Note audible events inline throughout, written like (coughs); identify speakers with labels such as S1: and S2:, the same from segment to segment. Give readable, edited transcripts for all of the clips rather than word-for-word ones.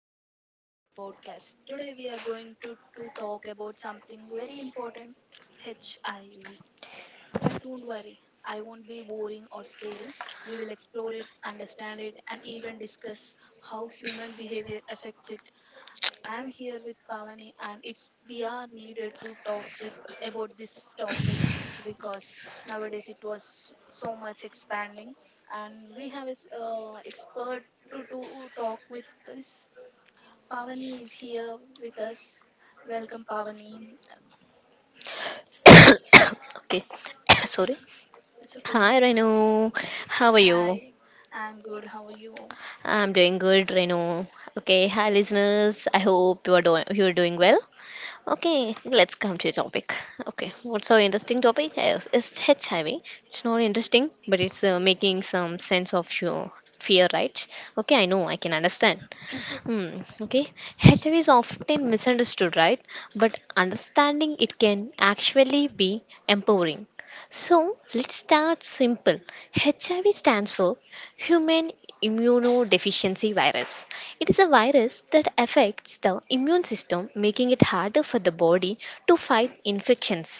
S1: welcome back to our podcast. Today we are going to talk about something very important, HIV. But don't worry, I won't be boring or scary. We will explore it, understand it, and even discuss how human behavior affects it. I'm here with Pavani, and it we are needed to talk with about this topic, because nowadays it was so much expanding, and we have a expert to talk with this. Pavani is here with us. Welcome, Pavani.
S2: Okay. (coughs) Sorry.
S1: It's okay.
S2: Hi, Renu, how are you?
S1: Hi, I'm good. How are you?
S2: I'm doing good, Renu. Okay, hi listeners, I hope you are doing well. Okay, let's come to the topic. Okay, what's our interesting topic is, it's HIV. It's not interesting, but it's making some sense of your fear, right? Okay, I know, I can understand. Hmm, okay. HIV is often misunderstood, right? But understanding it can actually be empowering. So let's start simple. HIV stands for Human Immunodeficiency Virus. It is a virus that affects the immune system, making it harder for the body to fight infections.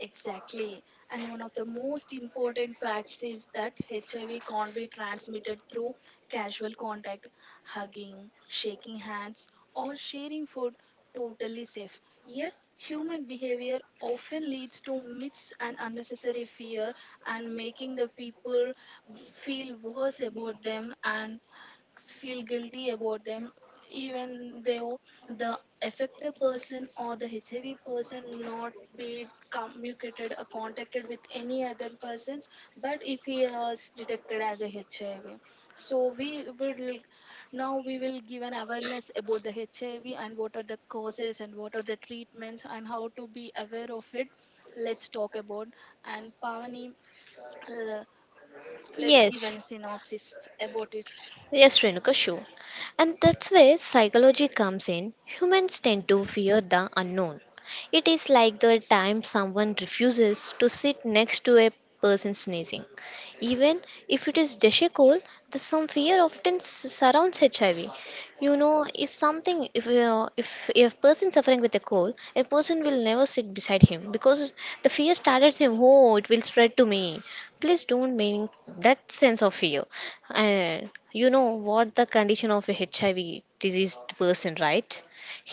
S1: Exactly. And one of the most important facts is that HIV can't be transmitted through casual contact, hugging, shaking hands, or sharing food, totally safe. Yet, human behavior often leads to myths and unnecessary fear, and making the people feel worse about them and feel guilty about them, even though the affected person or the HIV person not be communicated or contacted with any other persons. But if he was detected as a HIV, so we would l- now we will give an awareness about the HIV and what are the causes and what are the treatments and how to be aware of it. Let's talk about. And Pavani, l-
S2: Let's.
S1: let's give an
S2: Yes.
S1: synopsis about it.
S2: Yes, Renuka, sure. And that's where psychology comes in. Humans tend to fear the unknown. It is like the time someone refuses to sit next to a person sneezing. Even if it is dashing cold, the some fear often surrounds HIV. You know, if something, if person suffering with a cold, a person will never sit beside him because the fear started him, oh, it will spread to me, please don't mean, that sense of fear. And you know what the condition of a HIV diseased person, right?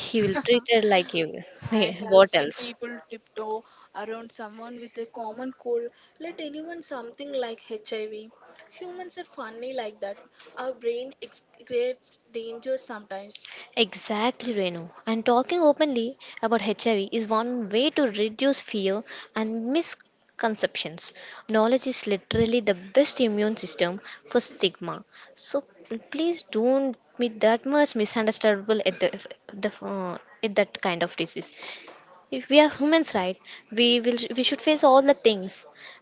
S2: He will
S1: Huh.
S2: treat her like you. (laughs)
S1: I
S2: Hey,
S1: have
S2: what
S1: seen
S2: else?
S1: people tiptoe around someone with a common cold, let anyone something like HIV. Humans are funny like that. Our brain creates danger sometimes.
S2: Exactly, Renu. And talking openly about HIV is one way to reduce fear and misconceptions conceptions. Knowledge is literally the best immune system for stigma. So please don't be that much misunderstandable at the at that kind of disease. If we are humans, right, we should face all the things.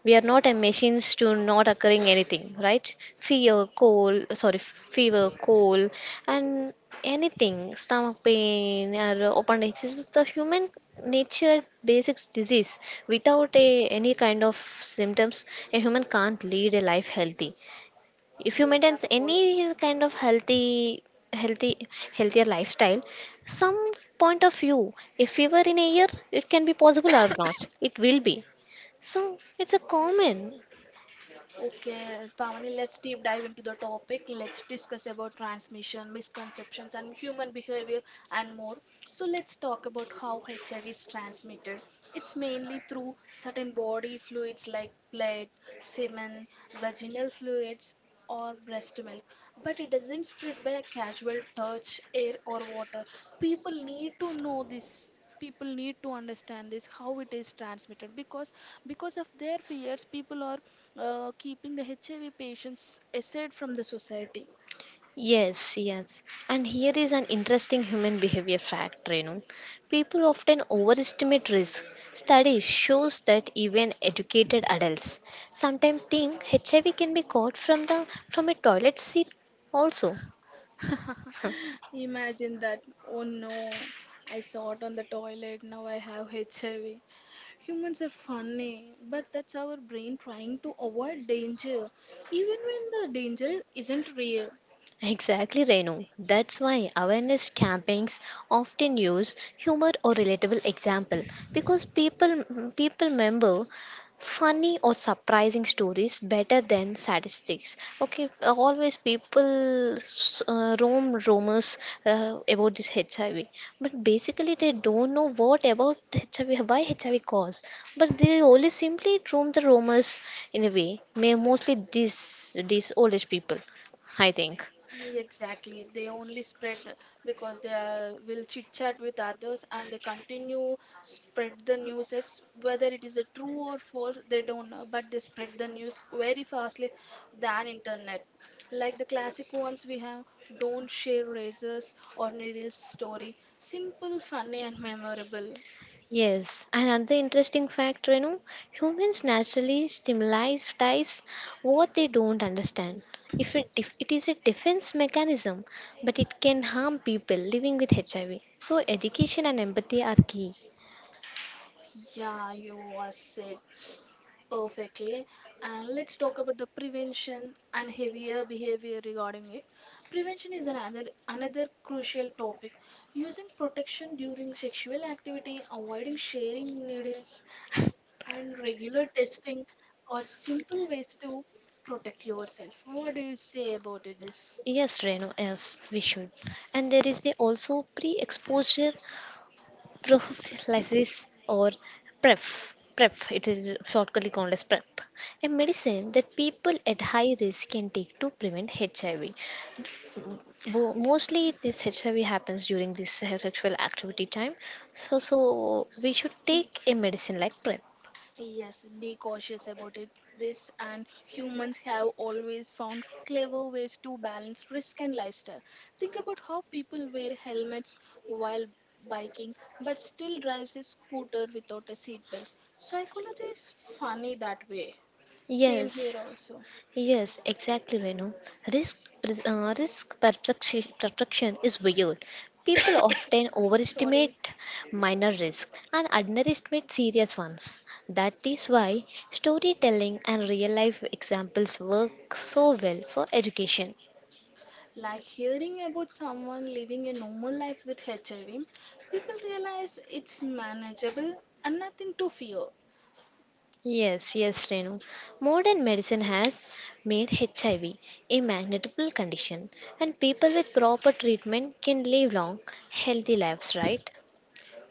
S2: We are not a machines to not occurring anything, right? Fear, cold, sorry, fever, cold, and anything, stomach pain or appendix is the human nature basic disease. Without any kind of symptoms, a human can't lead a life healthy. If you maintain
S1: Yes,
S2: any kind of healthy, healthier lifestyle, some point of view, if we were in a year, it can be possible or not. (laughs) It will be. So it's a common.
S1: okay, Pavani, let's deep dive into the topic. Let's discuss about transmission, misconceptions, and human behavior and more. So, let's talk about how HIV is transmitted. It's mainly through certain body fluids like blood, semen, vaginal fluids, or breast milk, but it doesn't spread by a casual touch, air, or water. People need to know this. People need to understand this, how it is transmitted, because of their fears, people are keeping the HIV patients aside from the society.
S2: Yes, yes. And here is an interesting human behavior fact, Renu. People often overestimate risk. Study shows that even educated adults sometimes think HIV can be caught from the from a toilet seat also.
S1: (laughs)
S2: (laughs)
S1: Imagine that. Oh no, I saw it on the toilet, now I have HIV. Humans are funny, but that's our brain trying to avoid danger, even when the danger isn't real.
S2: Exactly, Renu. That's why awareness campaigns often use humor or relatable example, because people remember funny or surprising stories better than statistics. Okay, always people roam rumors about this HIV, but basically they don't know what about HIV, why HIV cause, but they only simply roam the rumors in a way. May mostly these old age people, I think.
S1: Exactly. They only spread because will chit chat with others and they continue spread the news as whether it is a true or false, they don't know, but they spread the news very fastly than internet. Like the classic ones we have, don't share razors or needles story. Simple, funny and memorable.
S2: Yes, and another interesting fact, Renu, humans naturally stimulatize what they don't understand. If it, def- It is a defense mechanism, but it can harm people living with HIV. So education and empathy are key.
S1: Yeah, you was it. Perfectly. And let's talk about the prevention and heavier behavior regarding it. Prevention is another crucial topic. Using protection during sexual activity, avoiding sharing needles, and regular testing are simple ways to protect yourself. What do you say about it, this?
S2: Yes, Renu, yes, we should. And there is a also pre-exposure prophylaxis, or PrEP. PrEP, it is shortly called as PrEP. A medicine that people at high risk can take to prevent HIV. Mostly this HIV happens during this sexual activity time. So we should
S1: Mm.
S2: take a medicine like PrEP.
S1: Yes, be cautious about it. This and humans have always found clever ways to balance risk and lifestyle. Think about how people wear helmets while biking but still drives a scooter without a seatbelt. Psychology is funny that way. Same here
S2: Yes.
S1: also.
S2: Yes, exactly, Renu. Risk perception is weird. People (coughs) often
S1: Sorry.
S2: overestimate minor risk and underestimate serious ones. That is why storytelling and real life examples work so well for education.
S1: Like hearing about someone living a normal life with HIV, people realize it's manageable and nothing to fear.
S2: Yes, yes, Renu. Modern medicine has made HIV a manageable condition, and people with proper treatment can live long, healthy lives, right?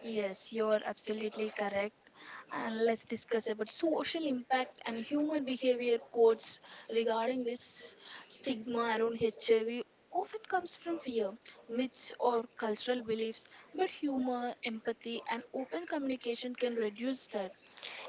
S1: Yes, you are absolutely correct. And let's discuss about social impact and human behavior codes regarding this. Stigma around HIV often comes from fear, myths or cultural beliefs, but humor, empathy and open communication can reduce that.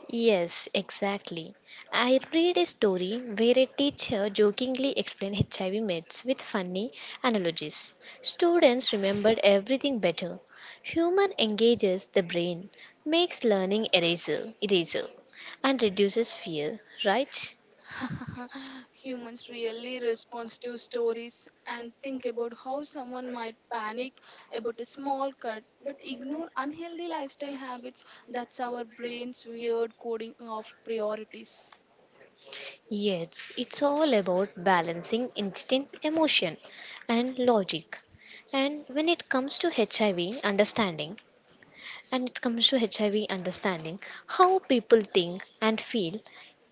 S2: Yes, exactly. I read a story where a teacher jokingly explained HIV meds with funny analogies. Students remembered everything better. Humor engages the brain, makes learning eraser, and reduces fear, right?
S1: (laughs) Humans really respond to stories, and think about how someone might panic about a small cut but ignore unhealthy lifestyle habits. That's our brain's weird coding of priorities.
S2: Yes, it's all about balancing instinct, emotion, and logic. And when it comes to HIV understanding, and it comes to HIV understanding, how people think and feel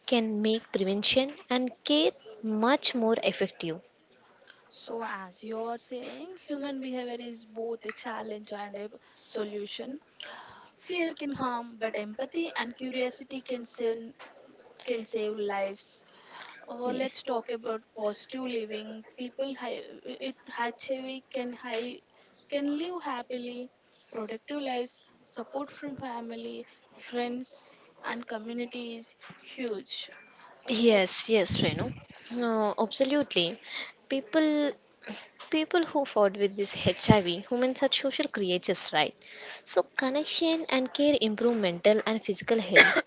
S2: can make prevention and care much more effective.
S1: So, as you are saying, human behavior is both a challenge and a solution. Fear can harm, but empathy and curiosity can save lives. Or
S2: Ye-
S1: let's talk about positive living. People with HIV can live happily, productive lives, support from family, friends, and community is huge. O-
S2: Yes, yes, Renu. No, absolutely. People people who fought with this HIV, humans are social creatures, right? So, connection and care improve mental and physical health.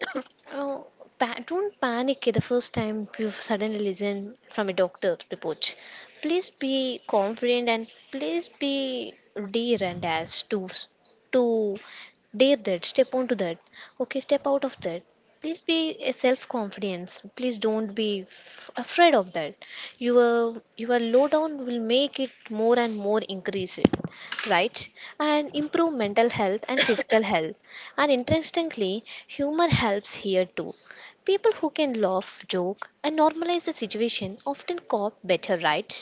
S2: Oh, don't panic the first time you suddenly listen from a doctor report. Please be confident and please be dare, and as to dare that step onto that. Okay, step out of that. Please be a self confidence. Please don't be afraid of that. Your low down will make it more and more, increase it, right, and improve mental health and physical health. And interestingly, humor helps here too. People who can laugh, joke, and normalize the situation often cope better, right?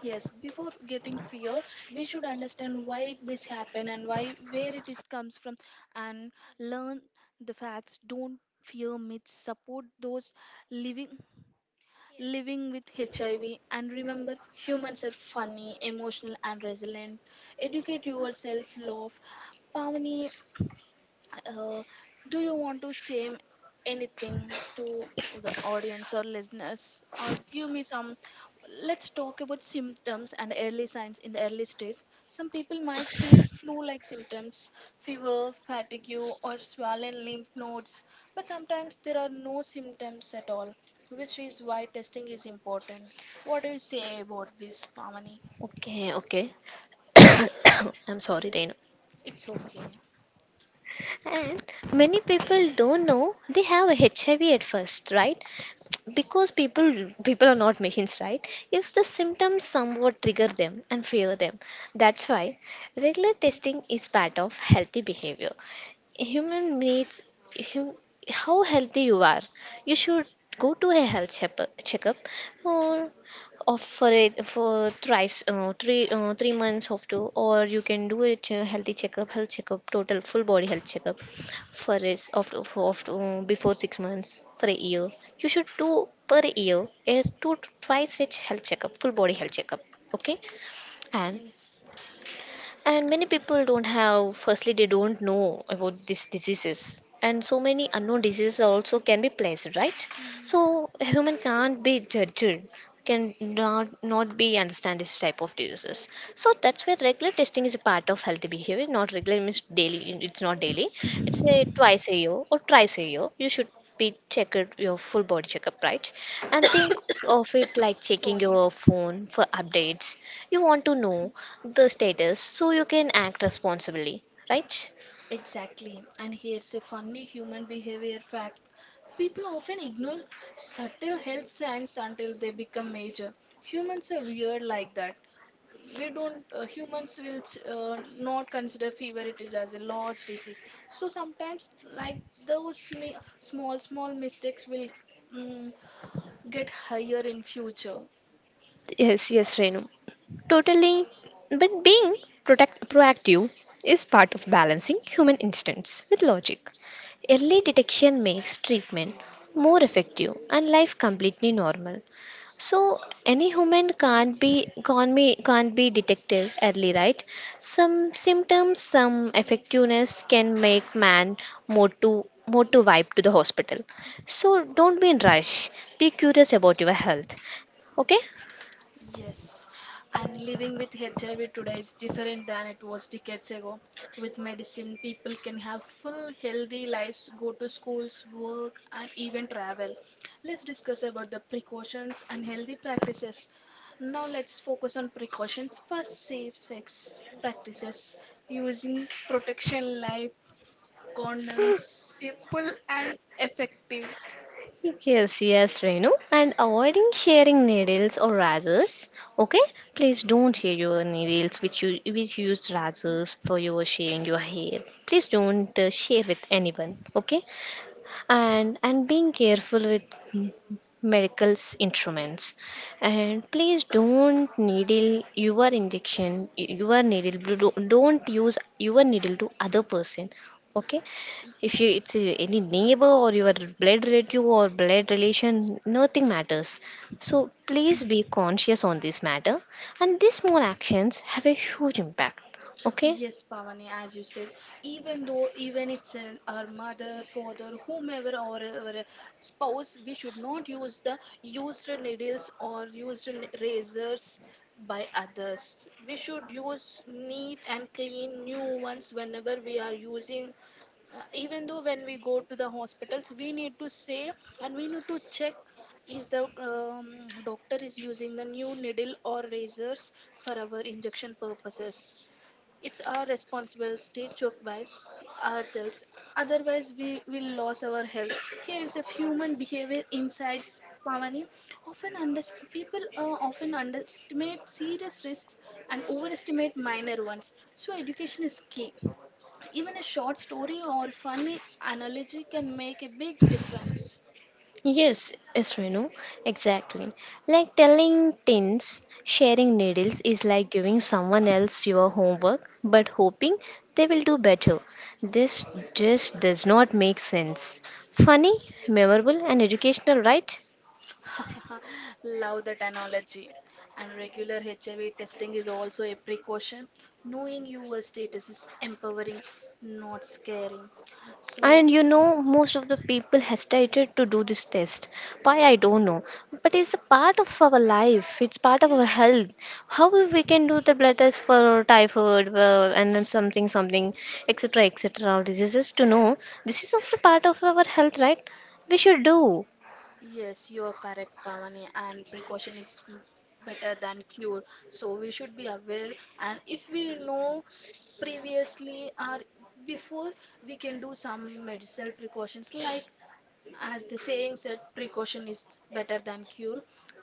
S1: Yes, before getting fear, we should understand why this happen and why where it is comes from, and learn the facts. Don't fear myths. Support those living living with HIV. And remember, humans are funny, emotional, and resilient. Educate yourself, love. Pavani, uh, do you want to say anything to the audience or listeners, or give me some? Let's talk about symptoms and early signs in the early stage. Some people might feel flu-like symptoms, fever, fatigue, or swollen lymph nodes, but sometimes there are no symptoms at all, which is why testing is important. What do you say about this, Pamani?
S2: Okay, okay, (coughs) I'm sorry, Renu.
S1: It's okay.
S2: And many people don't know they have HIV at first, right? Because people are not machines, right? If the symptoms somewhat trigger them and fear them, that's why regular testing is part of healthy behavior. Human needs, hum, how healthy you are, you should go to a health checkup, or of for it for thrice, 3 months of two, or you can do it, healthy checkup, health checkup, total full body health checkup. For is after of before 6 months, for a year, you should do per year is to twice such health checkup, full body health checkup, okay. and
S1: Yes.
S2: and many people don't have, firstly they don't know about these diseases, and so many unknown diseases also can be placed, right?
S1: Mm.
S2: So a human can't be judged, can not be understand this type of diseases. So that's where regular testing is a part of healthy behavior. Not regular means daily, it's not daily. It's a twice a year or thrice a year, you should be checked your full body checkup, right? And think (coughs) of it like checking your phone for updates. You want to know the status so you can act responsibly, right?
S1: Exactly. And here's a funny human behavior fact. People often ignore subtle health signs until they become major. Humans are weird like that. We don't, humans will not consider fever it is as a large disease. So sometimes, like those small, small mistakes will mm, get higher in future.
S2: Yes, yes, Renu. Totally. But being proactive is part of balancing human instincts with logic. Early detection makes treatment more effective and life completely normal. So any human
S1: Kumar.
S2: can't be, can't be detected early, right? Some symptoms, some effectiveness can make man more to vibe to the hospital. So don't be in rush. Be curious about your health. Okay?
S1: Yes, and living with HIV today is different than it was decades ago. With medicine, people can have full healthy lives, go to schools, work, and even travel. Let's discuss about the precautions and healthy practices. Now let's focus on precautions. First, safe sex practices using protection like condoms, simple and effective.
S2: Yes, yes, Renu. And avoiding sharing needles or razors. Okay, please don't share your needles, which you use razors for your shaving your hair. Please don't share with anyone. Okay, and being careful with m- miracles instruments. And please don't needle your injection, your needle, don't use your needle to other person, okay? If you, it's any neighbor or your blood relative or blood relation, nothing matters. So please be conscious on this matter, and these small actions have a huge impact, okay?
S1: Yes, Pavani, as you said, even though even it's our mother, father, whomever or our spouse, we should not use the used needles or used razors by others. We should use neat and clean new ones whenever we are using. Even though when we go to the hospitals, we need to say and we need to check, is the doctor is using the new needle or razors for our injection purposes. It's our responsibility to check by ourselves, otherwise we will lose our health. Here's a human behavior insights, Pavani. People often underestimate serious risks and overestimate minor ones. So education is key. Even a short story or funny analogy can make a big difference.
S2: Yes, yes, Renu, exactly. Like telling teens, sharing needles is like giving someone else your homework but hoping they will do better. This just does not make sense. Funny, memorable, and educational, right?
S1: (laughs) Love that analogy. And regular HIV testing is also a precaution. Knowing your status is empowering, not scary. So,
S2: And you know, most of the people hesitated to do this test. Why, I don't know. But it's a part of our life, it's part of
S1: yeah.
S2: our health. How we can do the blood test for typhoid, and then something, something, etc., etc., diseases to know, this is also part of our health, right? We should do.
S1: Yes, you are correct, Pavani, and precaution is better than cure. So we should be aware, and if we know previously or before, we can do some medicinal precautions. Like as the saying said, precaution is better than cure.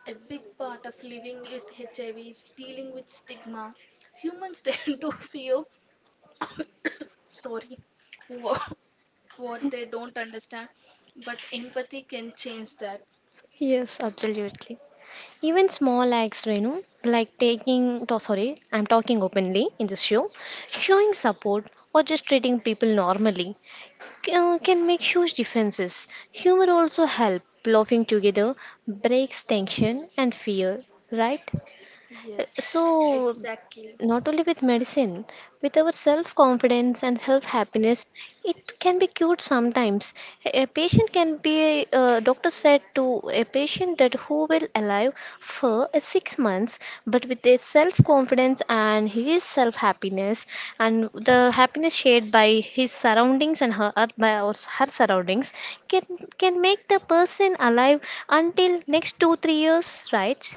S1: A big part of living with HIV is dealing with stigma. Humans (laughs) tend to fear, sorry, (laughs) wha- what they don't understand, but empathy can change that.
S2: Yes, absolutely. Even small acts, Renu, like sorry, I'm talking openly in this show, showing support or just treating people normally, can make huge differences. Humor also helps. Laughing together breaks tension and fear, right? Yes.
S1: Yes,
S2: So,
S1: exactly.
S2: not only with medicine, with our self confidence and self happiness, it can be cured sometimes. A patient can be, a doctor said to a patient that who will alive for 6 months, but with his self confidence and his self happiness, and the happiness shared by his surroundings and her, her surroundings, can can make the person alive until next 2 3 years, right?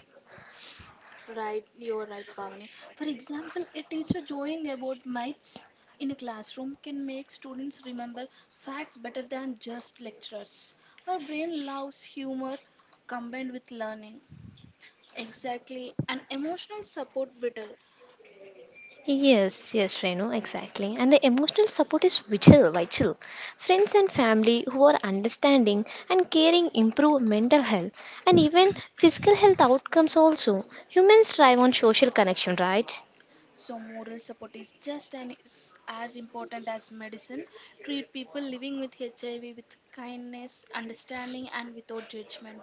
S1: Right, you're right, Pavani. For example, a teacher drawing about mites in a classroom can make students remember facts better than just lecturers. Our brain loves humor combined with learning. Exactly, and emotional support vital.
S2: Yes, yes, Renu, exactly. And the emotional support is vital, vital. Friends and family who are understanding and caring improve mental health and even physical health outcomes also. Humans thrive on social connection, right?
S1: So, moral support is just and is as important as medicine. Treat people living with HIV with kindness, understanding, and without judgment.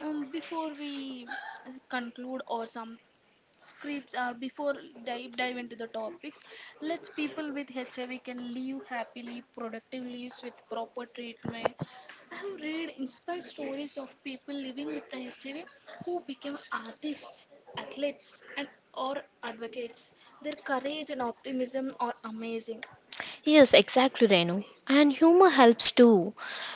S1: Before we conclude or some scripts, or before dive into the topics, let's, people with HIV can live happily, productive lives with proper treatment. I have read inspired stories of people living with the HIV who became artists, athletes, and or advocates. Their courage and optimism are amazing.
S2: Yes, exactly, Renu. And humor helps too.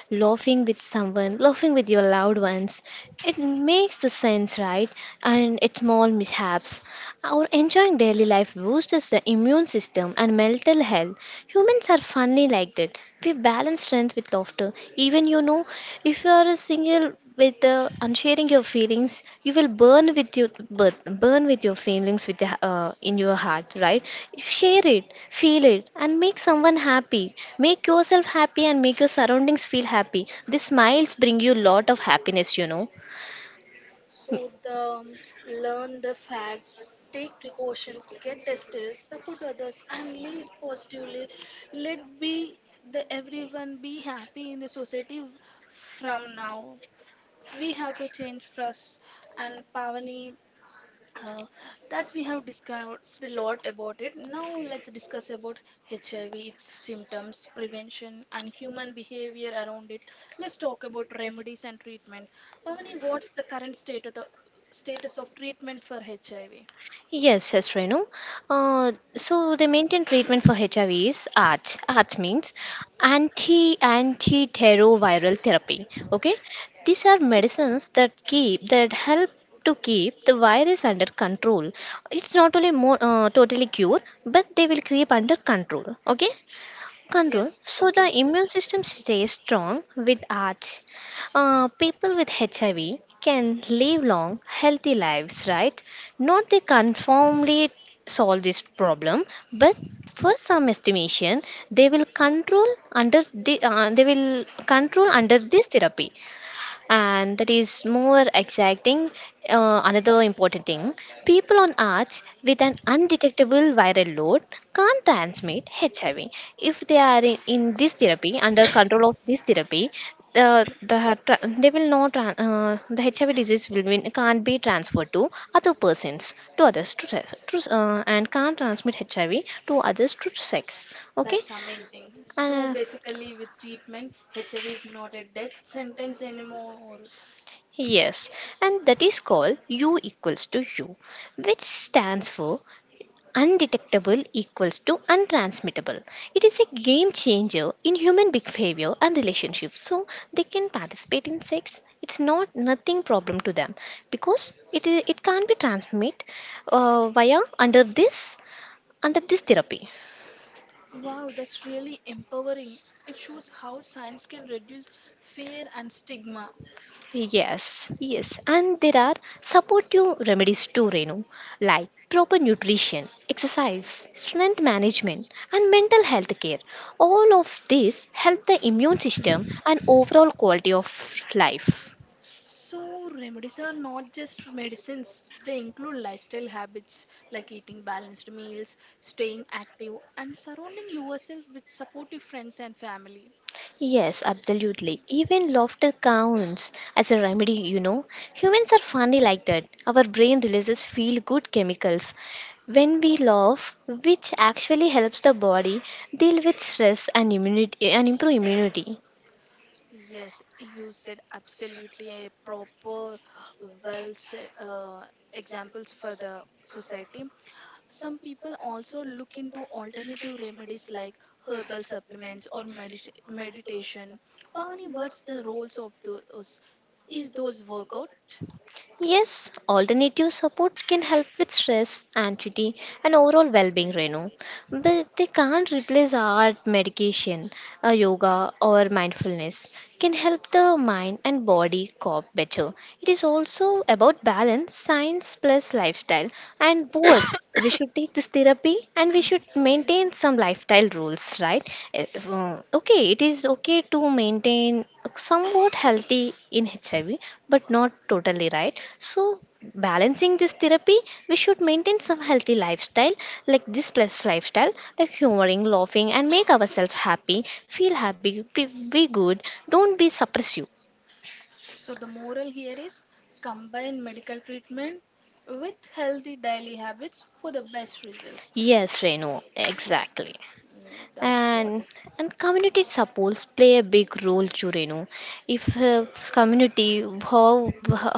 S2: Laughing with someone, laughing with your loved ones, it makes the sense, right? And it's small mishaps. Our enjoying daily life boosts the immune system and mental health. Humans are funny like that. We balance strength with laughter. Even you know, if you are a single with unsharing your feelings, you will burn with your burn, burn with your feelings in your heart, right? Share it, feel it, and make someone happy. Make yourself happy and make your surroundings feel happy. The smiles bring you lot of happiness, you know.
S1: To the Learn the facts, take precautions, get tested, support others, and live positively. Let be the everyone be happy in the society from now. We have to change first. And Pavani, uh, that we have discussed a lot about it. Now let's discuss about HIV, its symptoms, prevention, and human behavior around it. Let's talk about remedies and treatment. Pavani, what's the current status of treatment for HIV?
S2: Yes, yes, Renu. So the main treatment for HIV is ART. ART means antiretroviral therapy. Okay, these are medicines that keep that help to keep the virus under control. It's not only more totally cured, but they will keep under control. Okay, control
S1: Yes,
S2: so the
S1: okay.
S2: immune system stays strong with arts. People with HIV can live long healthy lives, right? Not they conformly solve this problem, but for some estimation they will control under they will control under this therapy, and that is more exciting. Another important thing, people on arts with an undetectable viral load can't transmit HIV. If they are in this therapy, under control of this therapy, they will not the HIV disease will be, can't be transferred to other persons to others to, se- to s- and can't transmit HIV to others to sex. Okay.
S1: That's amazing. So
S2: Uh,
S1: basically, with treatment, HIV is not a death sentence anymore.
S2: Yes, and that is called U equals to U, which stands for undetectable equals to untransmittable. It is a game changer in human behavior and relationships. So they can participate in sex. It's not nothing problem to them because it can't be transmit via under this under this therapy.
S1: Wow, that's really empowering. It shows how science can reduce fear and stigma.
S2: Yes, yes, and there are supportive remedies too, Renu, like proper nutrition, exercise, strength management, and mental health care. All of these help the immune system and overall quality of life.
S1: So, remedies are not just medicines, they include lifestyle habits like eating balanced meals, staying active, and surrounding yourself with supportive friends and family.
S2: Yes, absolutely. Even laughter counts as a remedy. Humans are funny like that. Our brain releases feel good chemicals when we laugh, which actually helps the body deal with stress and immunity and improve immunity.
S1: Yes, you said absolutely a proper, well said, examples for the society. Some people also look into alternative remedies like herbal supplements or meditation. Pavani, what's the roles of those? Is those workout?
S2: Yes, alternative supports can help with stress, anxiety, and overall well being, Renu. But they can't replace art, medication, yoga, or mindfulness. Can help the mind and body cope better. It is also about balance, science plus lifestyle, and both we should take this therapy and we should
S1: (clears throat) Sorry.
S2: maintain some lifestyle rules, right? If, okay, it is okay to maintain somewhat healthy in HIV, but not totally, right? So balancing this therapy, we should maintain some healthy lifestyle like this plus lifestyle, like humoring, laughing, and make ourselves happy, feel happy, be good, don't be suppressive.
S1: So the moral here is combine medical treatment with healthy daily habits for the best results.
S2: Yes, Renu, exactly.
S1: Mm, that's
S2: and
S1: what.
S2: and community supports play a big role too, you know. If Community, how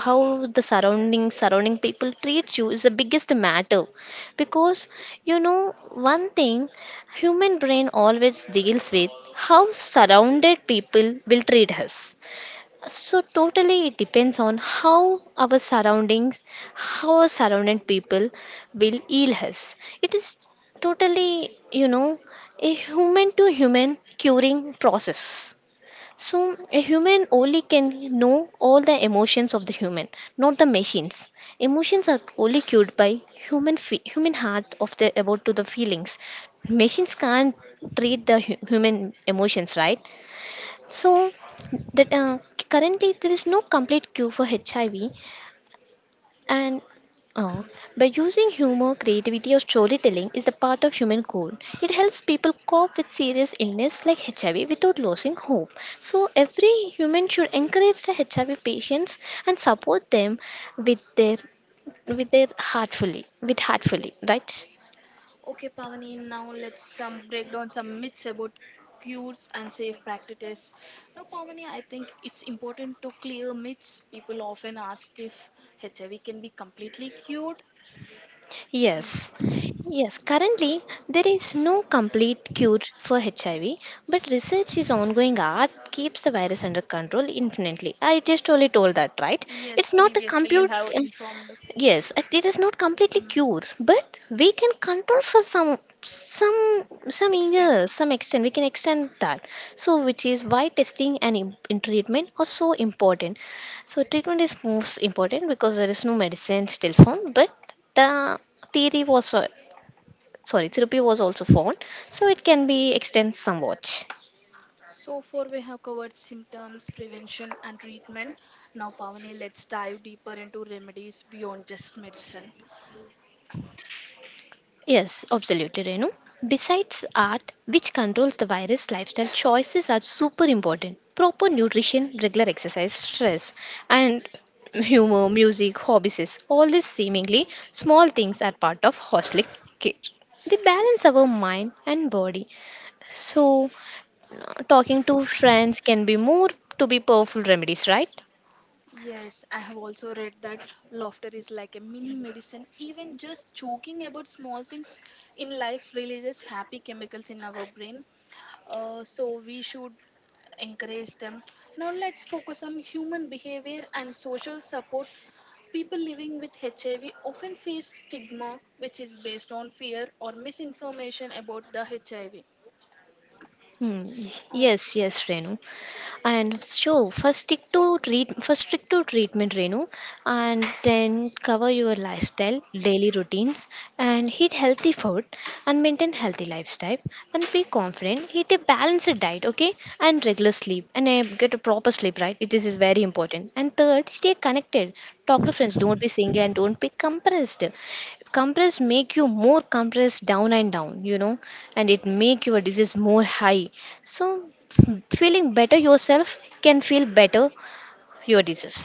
S2: how the surrounding people treats you is the biggest matter, because you know one thing, human brain always deals with how surrounded people will treat us. So totally it depends on how our surroundings, how our surrounding people will heal us. It is totally, you know, a human to human curing process. So a human only can know all the emotions of the human, not the machines. Emotions are only cured by human heart of the about to the feelings. Machines can't treat the human emotions, right? So that currently there is no complete cure for HIV, and uh, by using humor, creativity, or storytelling is a part of human code. It helps people cope with serious illness like HIV without losing hope. So every human should encourage the HIV patients and support them with their with their heartfully with heartfully, right?
S1: Okay, Pavani, now let's some break down some myths about cures and safe practices. Now, Pavani, I think it's important to clear myths. People often ask if HIV can be completely cured.
S2: Yes.
S1: And
S2: Yes, currently there is no complete cure for HIV, but research is ongoing, art keeps the virus under control infinitely. I just only told that, right?
S1: yes,
S2: It's not a
S1: previously you
S2: compute
S1: have
S2: uh,
S1: informed.
S2: yes, it is not completely
S1: Mm.
S2: cured, but we can control for some
S1: Extend.
S2: years, some extent. We can extend that. So which is why testing and in treatment are so important. So treatment is most important because there is no medicine still found, but the theory was, sorry, therapy was also found, so it can be extended somewhat.
S1: So far, we have covered symptoms, prevention, and treatment. Now, Pavani, let's dive deeper into remedies beyond just medicine.
S2: Yes, absolutely, Renu. Besides art, which controls the virus, lifestyle choices are super important. Proper nutrition, regular exercise, stress, and humor, music, hobbies, all these seemingly small things are part of holistic care. They balance our mind and body. So, talking to friends can be more to be powerful remedies, right?
S1: Yes, I have also read that laughter is like a mini medicine. Even just joking about small things in life releases happy chemicals in our brain. So we should encourage them. Now let's focus on human behavior and social support. People living with HIV often face stigma, which is based on fear or misinformation about the HIV.
S2: Hmm.
S1: Oh,
S2: Yes, yes, Renu. And so first stick to treatment, Renu, and then cover your lifestyle, daily routines, and eat healthy food and maintain healthy lifestyle and be confident. Eat a balanced diet, okay, and regular sleep and get a proper sleep, right? This is very important. And third, stay connected. Talk to friends. Don't be single and don't be compressed. Compress make you more compressed down and down, you know, and it make your disease more high. So feeling better yourself can feel better your disease.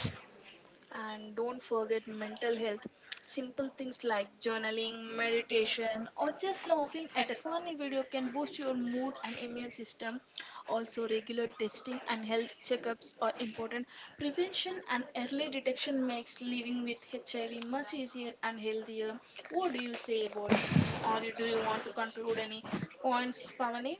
S1: and don't forget mental health. Simple things like journaling, meditation, or just laughing at a funny video can boost your mood and immune system. Also, regular testing and health checkups are important. Prevention and early detection makes living with HIV much easier and healthier. What do you say about, or do you want to conclude any points, Pavani?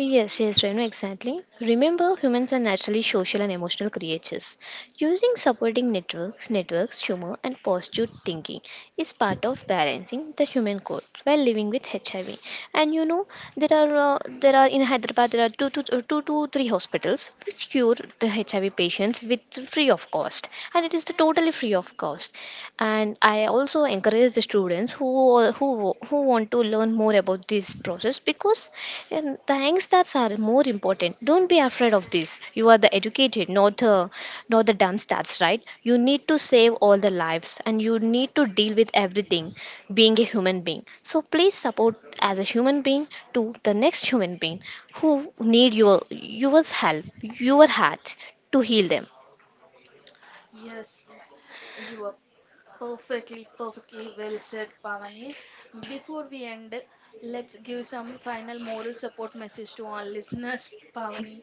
S2: Yes, yes, Renu, exactly. Remember, humans are naturally social and emotional creatures. Using supporting networks, humor, and positive thinking is part of balancing the human code while living with HIV. And you know, there are in Hyderabad there are two to three hospitals which cure the HIV patients with free of cost, and it is the totally free of cost. And I also encourage the students who want to learn more about this process, because the youngsters are more important. Don't be afraid of this, you are the educated, not the dumb stats, right? You need to save all the lives and you need to deal with everything being a human being, so please support as a human being to the next human being who need your help, your heart, to heal them.
S1: Yes, you are. Perfectly, perfectly well said, Pavani. Before we end, let's give some final moral support message to our listeners, Pavani.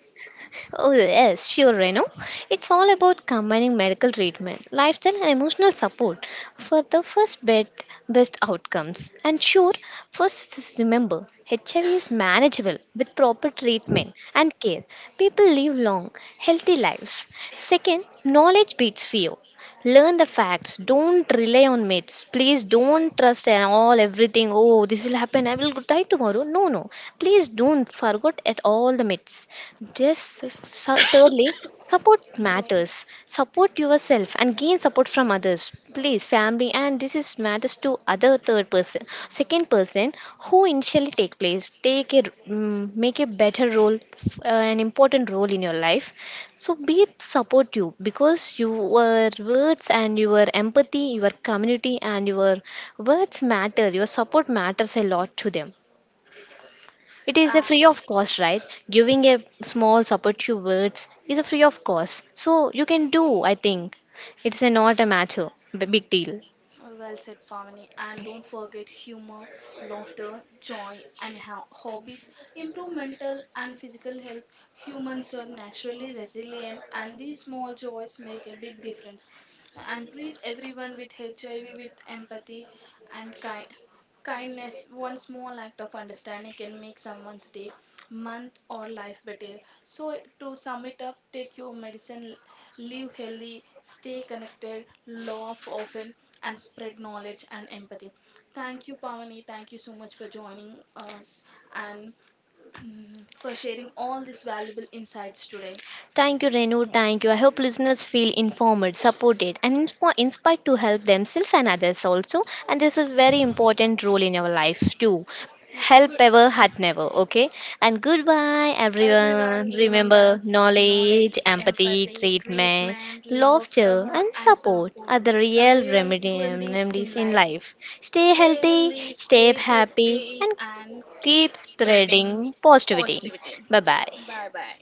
S2: Oh, yes, sure, Reno. It's all about combining medical treatment, lifestyle, and emotional support for the best outcomes. And sure, first is remember HIV is manageable with proper treatment and care. People live long, healthy lives. Second, knowledge beats fear. Learn the facts, don't rely on myths. Please don't trust and all everything, oh this will happen, I will go die tomorrow. No, no, please don't forget at all the myths. Thirdly, support
S1: I'm sorry.
S2: matters. Support yourself and gain support from others, please, family, and this is matters to other third person, second person who initially take place, make a better role an important role in your life, so be support you because your words and your empathy, your community and your words matter. Your support matters a lot to them. It is a free
S1: Um,
S2: of cost, right? Giving a small support to words is a free of cost. So you can do, I think. It's a not a matter, big deal.
S1: Well said, Pavani. And don't forget humor, laughter, joy, and hobbies. Improve mental and physical health. Humans are naturally resilient, and these small joys make a big difference. And treat everyone with HIV with empathy and kind. Kindness, one small act of understanding can make someone's day, month, or life better. So, to sum it up, take your medicine. Live healthy, stay connected, laugh often, and spread knowledge and empathy. Thank you, Pavani. Thank you so much for joining us and (clears throat) for sharing all these valuable insights today.
S2: Thank you, Renu. Thank you. I hope listeners feel informed, supported, and inspired to help themselves and others also. And this is very important role in our life too. Help
S1: Good.
S2: ever, hurt never. Okay. And goodbye,
S1: Everyone
S2: everyone.
S1: remember,
S2: Remember,
S1: knowledge,
S2: knowledge, empathy,
S1: empathy,
S2: treatment,
S1: treatment, laughter,
S2: laughter, and
S1: and
S2: support
S1: support
S2: are the
S1: are real remedies in
S2: remedies in
S1: life.
S2: life. Stay
S1: Stay
S2: healthy,
S1: healthy,
S2: stay
S1: stay
S2: happy,
S1: safety,
S2: and
S1: and keep
S2: keep
S1: spreading
S2: spreading positivity.
S1: positivity.
S2: Bye bye.
S1: Bye bye.